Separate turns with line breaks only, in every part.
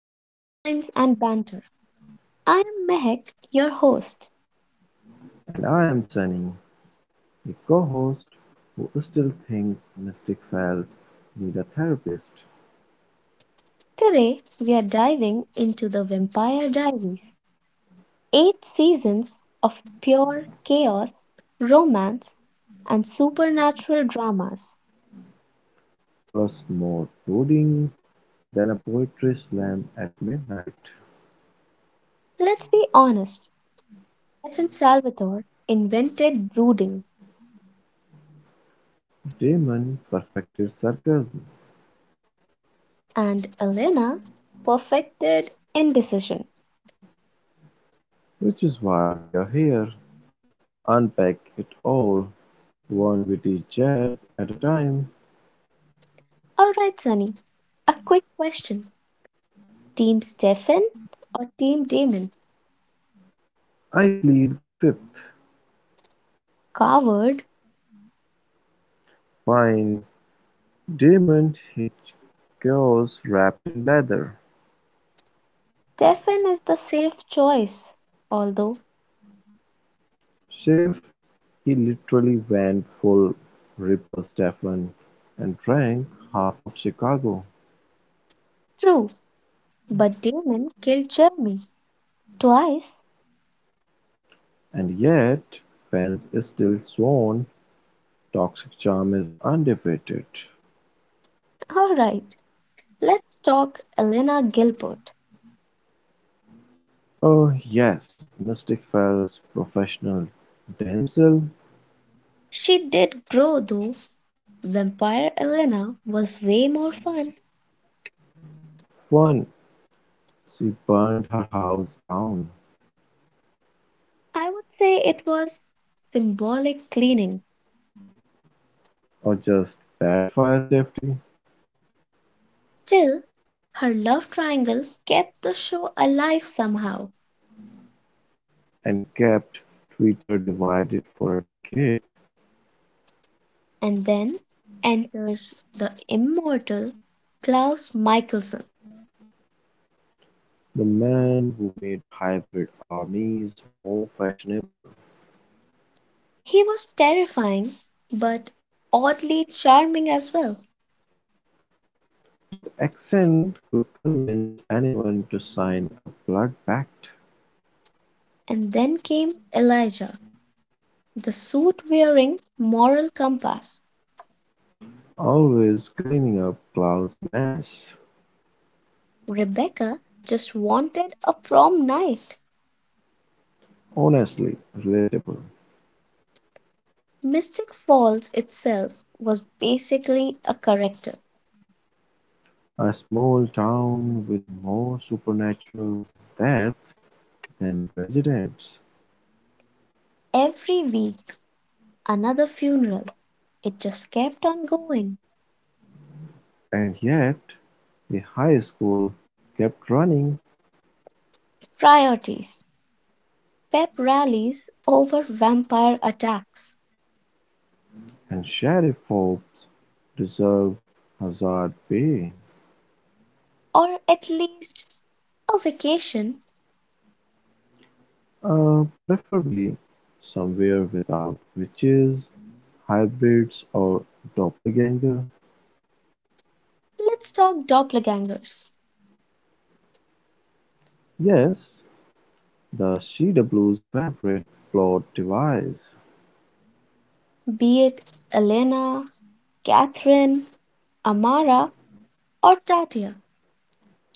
to Bloodlines and Banter. I am Mehek, your host.
And I am Sunny, a co-host, who still thinks Mystic Files need a therapist,
Today we are diving into the Vampire Diaries, 8 seasons of pure chaos, romance, and supernatural dramas.
plus more brooding than a poetry slam at midnight.
Let's be honest, Stefan Salvatore invented brooding,
Damon perfected sarcasm,
and Elena perfected indecision.
which is why we are here to unpack it all, one witty jab at a time.
Alright, Sunny, a quick question. Team Stefan or Team Damon?
I plead the fifth.
Coward.
Fine. Damon Hitchcock wrapped in leather.
Stefan is the safe choice, although
Chef, he literally went full Ripper Stephen and drank half of Chicago,
true. But Damon killed Jeremy twice.
and yet fans still sworn Toxic Charm is undefeated.
Alright, let's talk Elena Gilbert.
Oh yes, Mystic Fell's professional damsel
She did grow though. Vampire Elena was way more fun.
won, she burned her house down,
I would say it was symbolic cleaning.
or just bad fire safety,
Still, her love triangle kept the show alive somehow.
and kept Twitter divided for a decade.
And then enters the immortal Klaus Michelson.
The man who made hybrid armies more fashionable,
He was terrifying, but oddly charming as well.
that accent could convince anyone to sign a blood pact.
And then came Elijah, the suit wearing moral compass.
Always cleaning up Klaus' mess.
Rebecca just wanted a prom night.
Honestly relatable.
Mystic Falls itself was basically a character.
A small town with more supernatural death than residents.
Every week, another funeral. It just kept on going.
And yet, the high school kept running
Priorities pep rallies over vampire attacks,
and Sheriff Forbes deserved Hazard Pay.
or at least a vacation.
Preferably somewhere without witches, hybrids, or doppelganger.
Let's talk doppelgangers,
Yes, the CW's favorite plot device,
be it Elena, Catherine, Amara, or Tatia.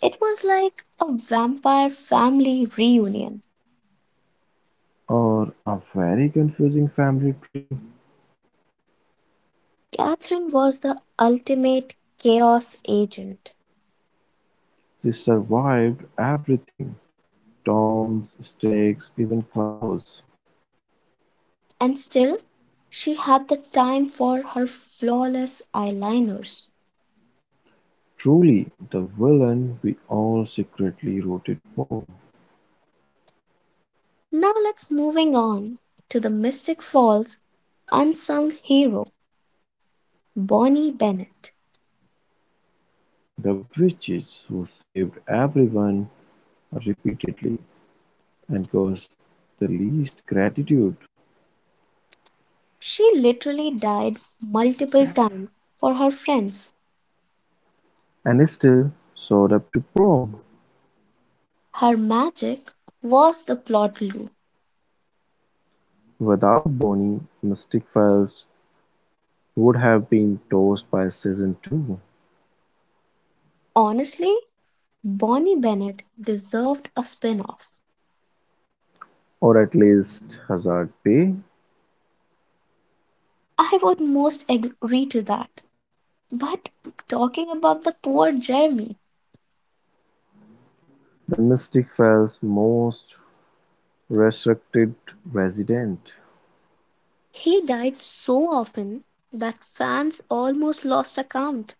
It was like a vampire family reunion.
or a very confusing family tree.
Catherine was the ultimate chaos agent,
She survived everything Tom's stakes, even Klaus.
and still, she had the time for her flawless eyeliners.
Truly, the villain we all secretly rooted for.
Now, let's moving on to the Mystic Falls unsung hero, Bonnie Bennett.
The witches who saved everyone repeatedly, and caused the least gratitude.
She literally died multiple times for her friends.
And is still soared up to prom.
Her magic was the plot glue.
Without Bonnie, Mystic Files would have been tossed by season two,
Honestly, Bonnie Bennett deserved a spin off.
or at least Hazard Bay,
I would most agree to that. But talking about the poor Jeremy,
the Mystic Files' most restricted resident.
he died so often that fans almost lost account.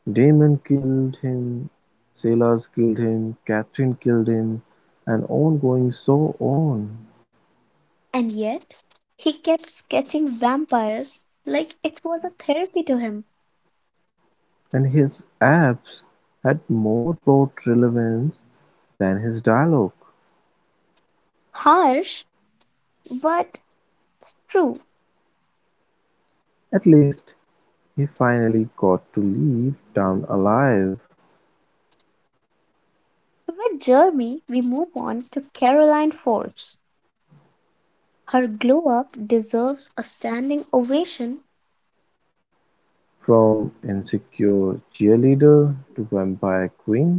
Damon killed him, Sailors killed him, Catherine killed him, and on going so on.
And yet, he kept sketching vampires like it was a therapy to him.
And his abs had more plot relevance than his dialogue.
Harsh, but it's true.
At least he finally got to leave town alive,
With Jeremy, we move on to Caroline Forbes. Her glow up deserves a standing ovation.
from insecure cheerleader to vampire queen,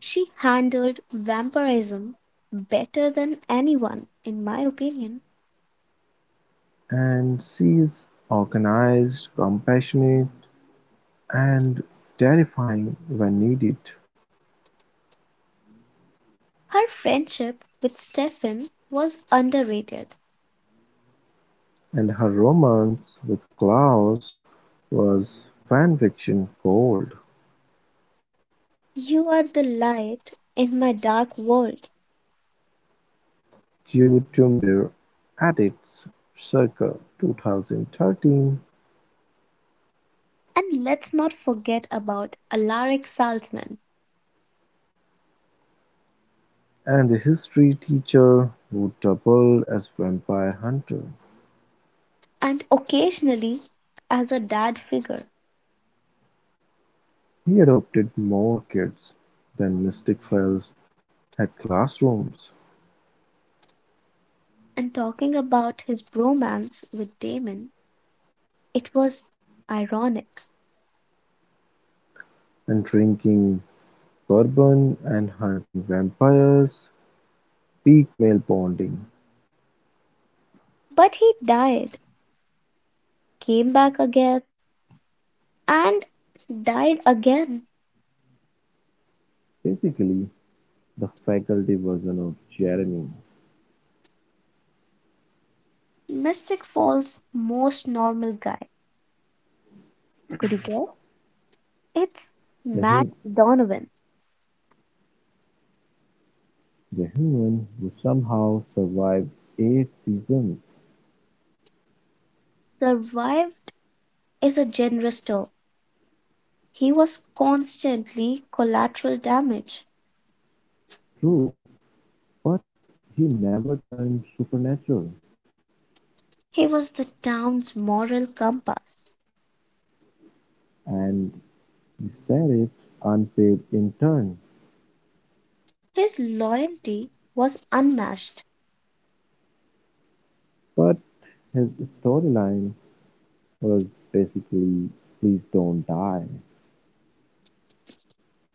She handled vampirism better than anyone, in my opinion.
and she's organized, compassionate, and terrifying when needed.
Her friendship with Stefan was underrated.
And her romance with Klaus was fanfiction gold.
You are the light in my dark world.
Cucumber Addicts Circa 2013,
And let's not forget about Alaric Salzman,
and the history teacher who doubled as vampire hunter,
and occasionally as a dad figure,
he adopted more kids than Mystic Falls had classrooms,
and talking about his bromance with Damon, it was ironic.
and drinking bourbon and hunting vampires peaked male bonding,
But he died, came back again, and died again.
basically the faculty version of Jeremy,
Mystic Falls' most normal guy. Could you guess? It's
the hum
Matt Donovan.
the human who somehow survived eight seasons
Survived is a generous term. He was constantly collateral damage.
through. But he never turned supernatural,
He was the town's moral compass.
and the Sheriffs unpaved in turn,
His loyalty was unmatched.
but his storyline was basically please don't die.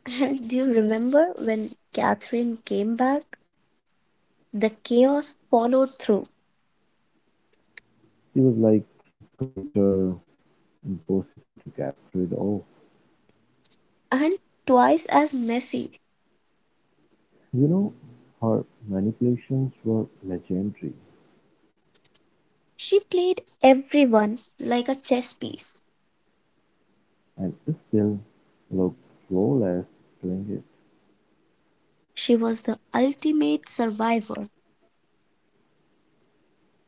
And do you remember when Catherine came back? The chaos followed through,
He was like glitter, impossible to get rid of.
and twice as messy.
You know, her manipulations were legendary
She played everyone like a chess piece.
and still looked flawless doing it.
She was the ultimate survivor.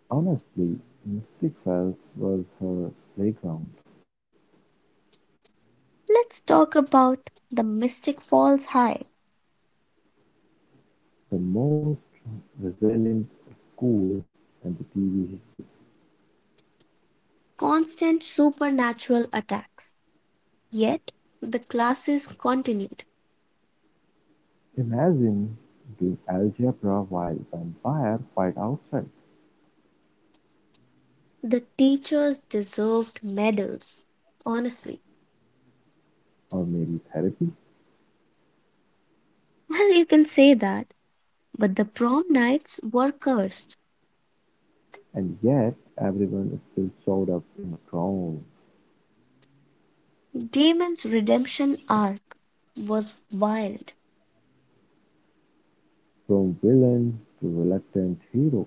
Honestly, Mystic Falls was her playground.
Let's talk about the Mystic Falls High.
The most resilient school in the TV history.
Constant supernatural attacks. Yet, the classes continued.
Imagine doing algebra while vampires fight outside,
The teachers deserved medals, honestly.
or maybe therapy,
Well, you can say that, but the prom nights were cursed.
and yet everyone still showed up in drones,
Damon's redemption arc was wild.
from villain to reluctant hero,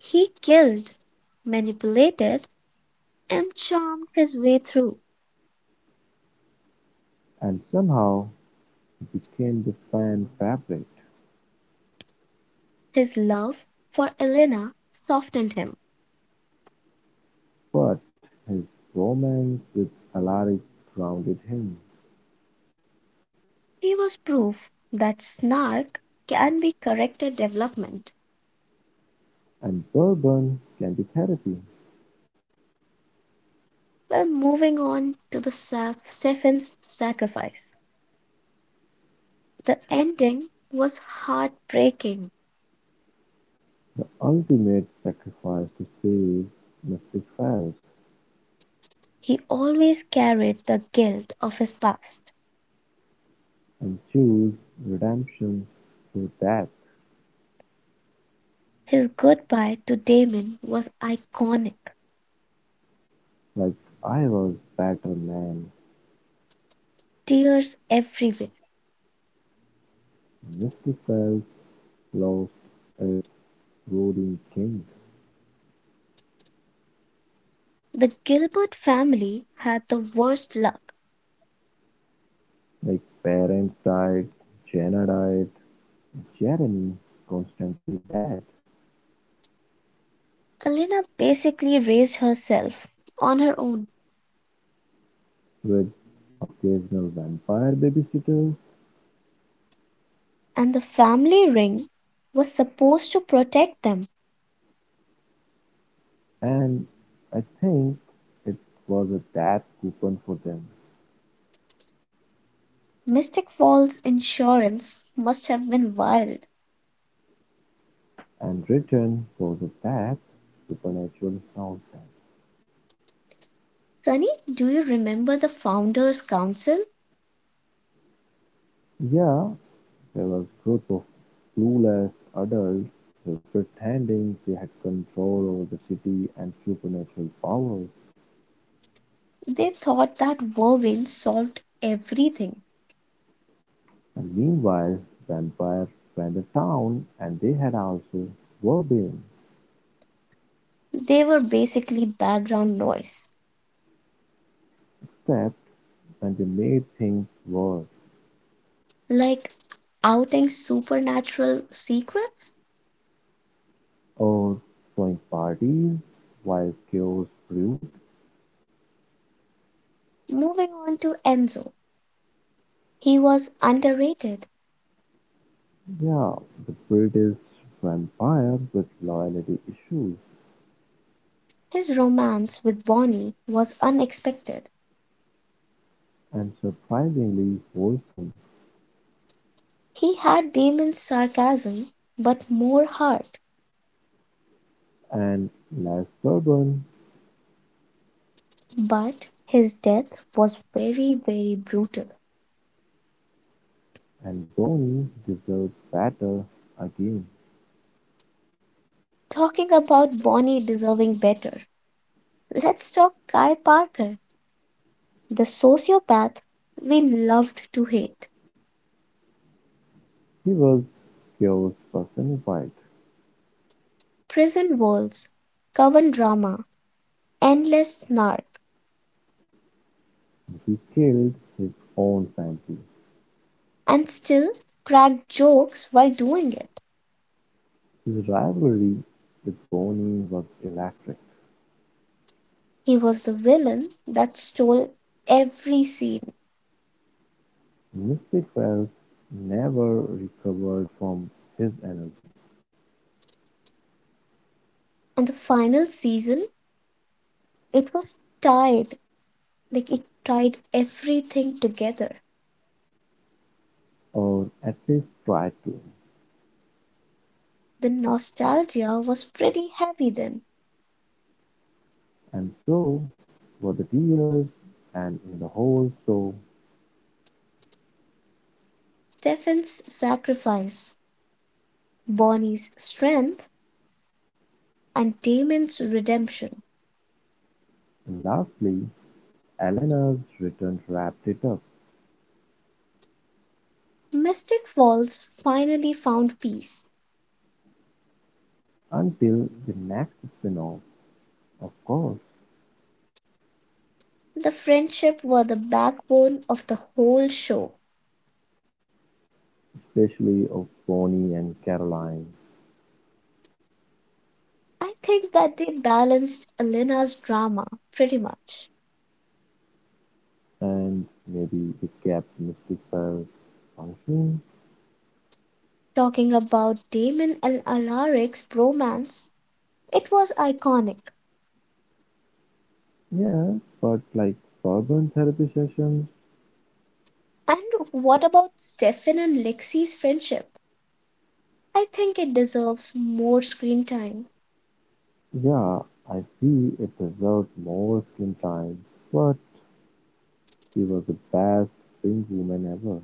He killed, manipulated, and charmed his way through.
and somehow he became the fan favorite.
His love for Elena softened him.
But his romance with Alaric grounded him,
He was proof that snark can be corrected development.
and bourbon can be therapy.
Well, moving on to the Stephen's sacrifice. The ending was heartbreaking.
The ultimate sacrifice to save must be felt,
He always carried the guilt of his past.
and choose redemption through death,
His goodbye to Damon was iconic,
like I was better man. Betterman
tears everywhere.
mystifies lost its ruling king.
The Gilbert family had the worst luck.
Like parents died, Jenna died, Jeremy constantly dead,
Elena basically raised herself on her own,
with occasional vampire babysitters,
and the family ring was supposed to protect them.
and I think it was a death coupon for them,
Mystic Falls insurance must have been wild.
and written for the Tap Supernatural soundtrack.
Sunny, do you remember the founders' council?
Yeah, there was a group of clueless adults who pretending they had control over the city and supernatural powers.
They thought that vervain solved everything.
And meanwhile, vampires ran the town and they had also were being
They were basically background noise,
except when they made things worse
like outing supernatural secrets.
or throwing parties while chaos brewed.
Moving on to Enzo. He was underrated.
Yeah, the British vampire with loyalty issues
His romance with Bonnie was unexpected.
and surprisingly wholesome,
He had Damon's sarcasm, but more heart.
and less Lashburn
But his death was very, very brutal.
and Downey deserves better again.
Talking about Bonnie deserving better, let's talk Guy Parker, the sociopath we loved to hate.
He was chaos personified.
Prison walls, coven drama, endless snark,
He killed his own family.
and still crack jokes while doing it.
His rivalry with Bonnie was electric.
He was the villain that stole every scene.
Mystic Wells never recovered from his energy,
And the final season, it was tied. Like it tied everything together.
or at least tried to,
The nostalgia was pretty heavy then.
and so were the tears and in the whole show.
Stefan's sacrifice, Bonnie's strength, and Damon's redemption.
And lastly, Eleanor's return wrapped it up
Mystic Falls finally found peace.
until the next spin-off, of course,
The friendship were the backbone of the whole show.
especially of Bonnie and Caroline.
I think that they balanced Elena's drama pretty much.
And maybe it kept Mystic Bell functioning.
Talking about Damon and Alaric's bromance. It was iconic.
Yeah, but like Sorbonne therapy sessions,
And what about Stefan and Lexi's friendship? I think it deserves more screen time.
yeah, I see it deserved more screen time. But she was the best pink woman ever.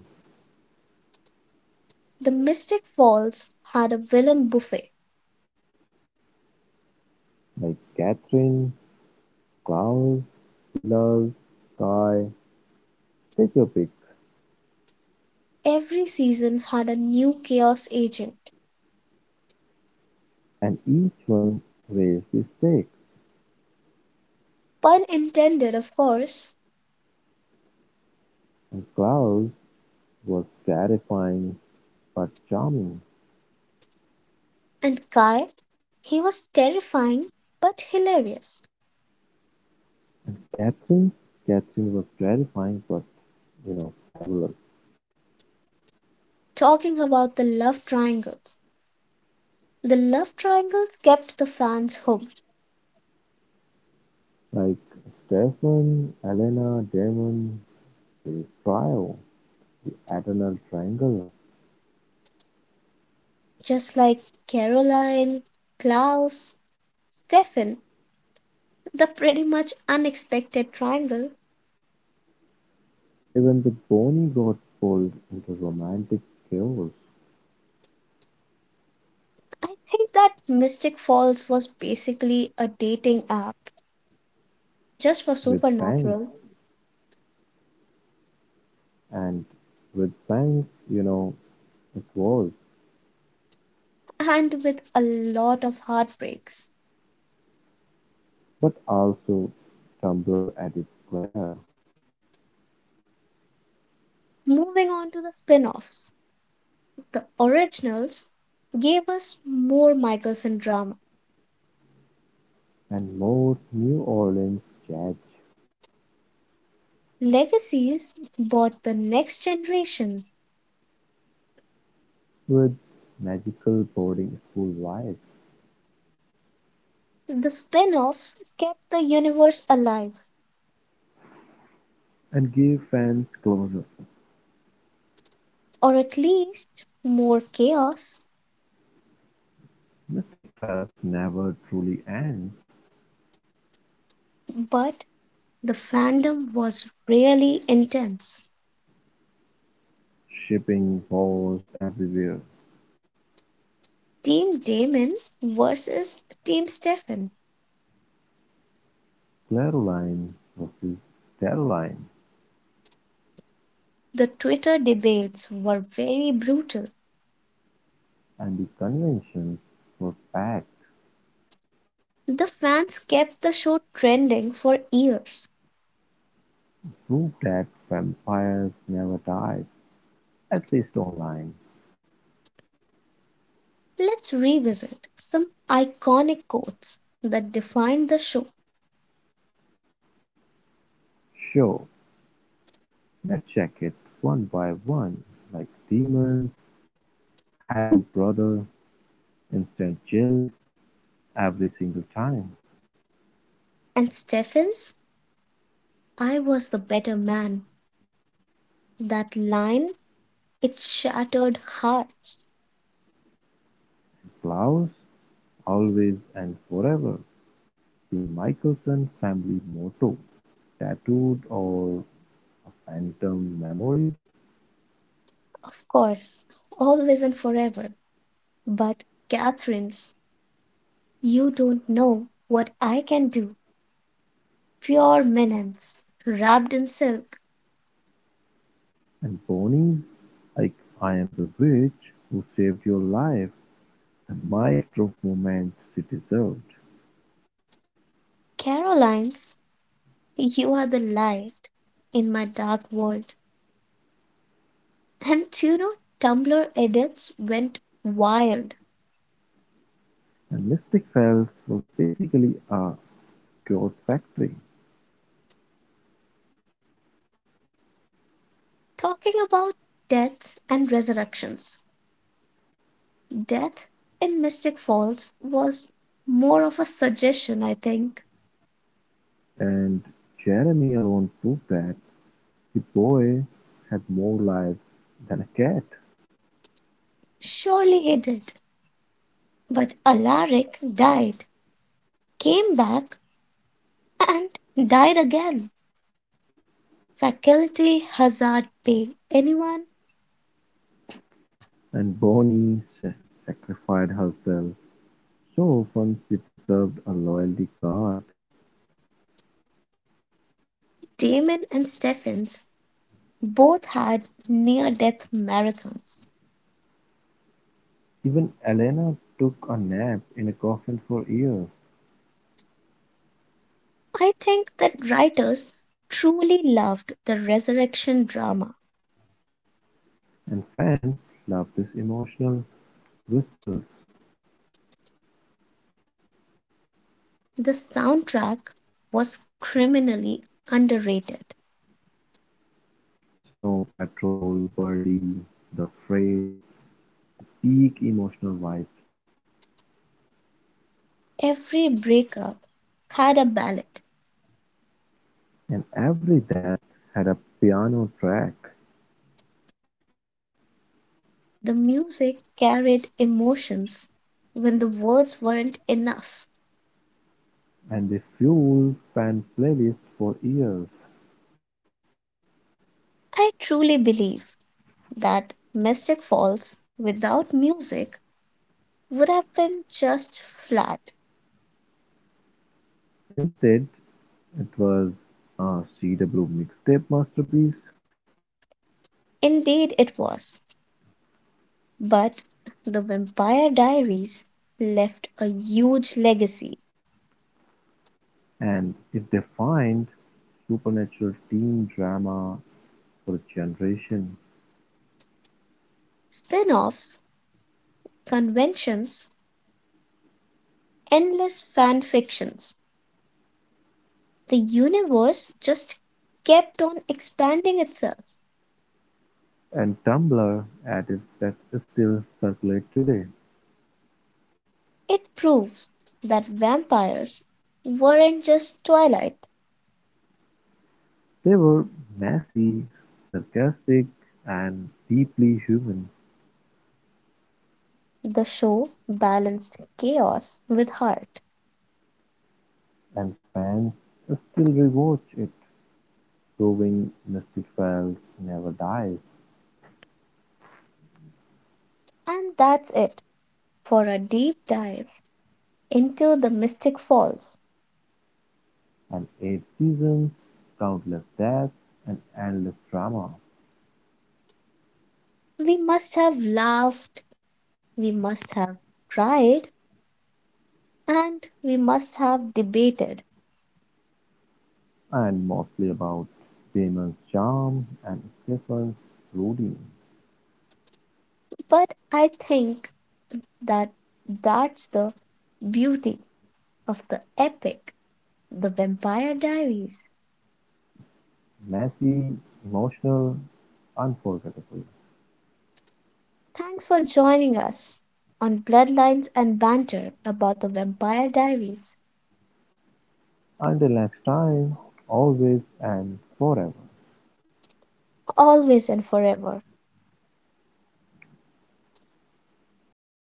The Mystic Falls had a villain buffet.
Like Catherine, Klaus, Silas, Guy, take your pick.
Every season had a new chaos agent.
And each one raised his stakes,
Pun intended, of course.
and Claus was terrifying but charming.
And Kai, he was terrifying but hilarious.
And Catherine, Catherine was terrifying but you know fabulous.
Talking about the love triangles. The love triangles kept the fans hooked.
Like Stefan, Elena, Damon, the trio, the eternal triangle.
Just like Caroline, Klaus, Stefan, the pretty much unexpected triangle.
Even the Bonnie got pulled into romantic chaos
I think that Mystic Falls was basically a dating app just for
with Fangs,
supernatural
and with Fangs, you know, it was,
and with a lot of heartbreaks.
but also Tumblr at its glare,
Moving on to the spin offs, the originals gave us more Michelson drama.
and more New Orleans jazz
Legacies bought the next generation.
with magical boarding school vibes
The spin offs kept the universe alive
and give fans closure.
or at least more chaos,
Mystic Files never truly ends.
but the fandom was really intense.
Shipping wars everywhere.
Team Damon versus Team Stefan.
Claroline versus Caroline
The Twitter debates were very brutal.
and the conventions were packed.
The fans kept the show trending for years.
Proved that vampires never died, at least online.
Let's revisit some iconic quotes that defined the show.
Sure, let's check it one by one, like demons, hello brother, instant chills, every single time,
And Stefan's, I was the better man. That line, it shattered hearts.
flowers, always and forever, the Michelson family motto, tattooed or a phantom memory,
Of course, always and forever. But, Catherines, you don't know what I can do. Pure Menace, wrapped in silk.
and ponies like I am the witch who saved your life, the mic drop moment she deserved.
Carolines, you are the light in my dark world. And do you know, Tumblr edits went wild,
And Mystic Fells was basically a goat factory,
talking about death and resurrections. Death in Mystic Falls was more of a suggestion, I think.
and Jeremy alone proved that the boy had more life than a cat.
Surely he did. But Alaric died, came back, and died again. Faculty, Hazard, Pale, anyone,
And Bonnie sacrificed herself so often she deserved a loyalty card.
Damon and Stephens both had near death marathons.
Even Elena took a nap in a coffin for years,
I think that writers truly loved the resurrection drama.
and fans loved these emotional whistles.
The soundtrack was criminally underrated.
Snow Patrol, Birdie, The Fray, peak emotional vibes,
Every breakup had a ballad.
and every death had a piano track,
The music carried emotions when the words weren't enough.
and they fueled fan playlists for years.
I truly believe that Mystic Falls without music would have been just flat.
Instead, it was a CW mixtape masterpiece.
Indeed, it was. But The Vampire Diaries left a huge legacy,
And it defined supernatural teen drama for a generation.
spin offs, conventions, endless fan fictions. The universe just kept on expanding itself.
And Tumblr at its that still circulate today.
It proves that vampires weren't just Twilight.
They were messy, sarcastic, and deeply human,
The show balanced chaos with heart.
and fans still rewatch it, proving Mystic Files never dies,
And that's it. For a deep dive into the Mystic Falls.
and eight seasons, countless deaths, and endless drama,
We must have laughed, we must have cried, and we must have debated.
and mostly about Damon's charm and Stephen's routine.
But I think that that's the beauty of the epic, The Vampire Diaries.
Messy, emotional, unforgettable.
Thanks for joining us on Bloodlines and Banter about the Vampire Diaries,
Until next time, always and forever.
always and forever.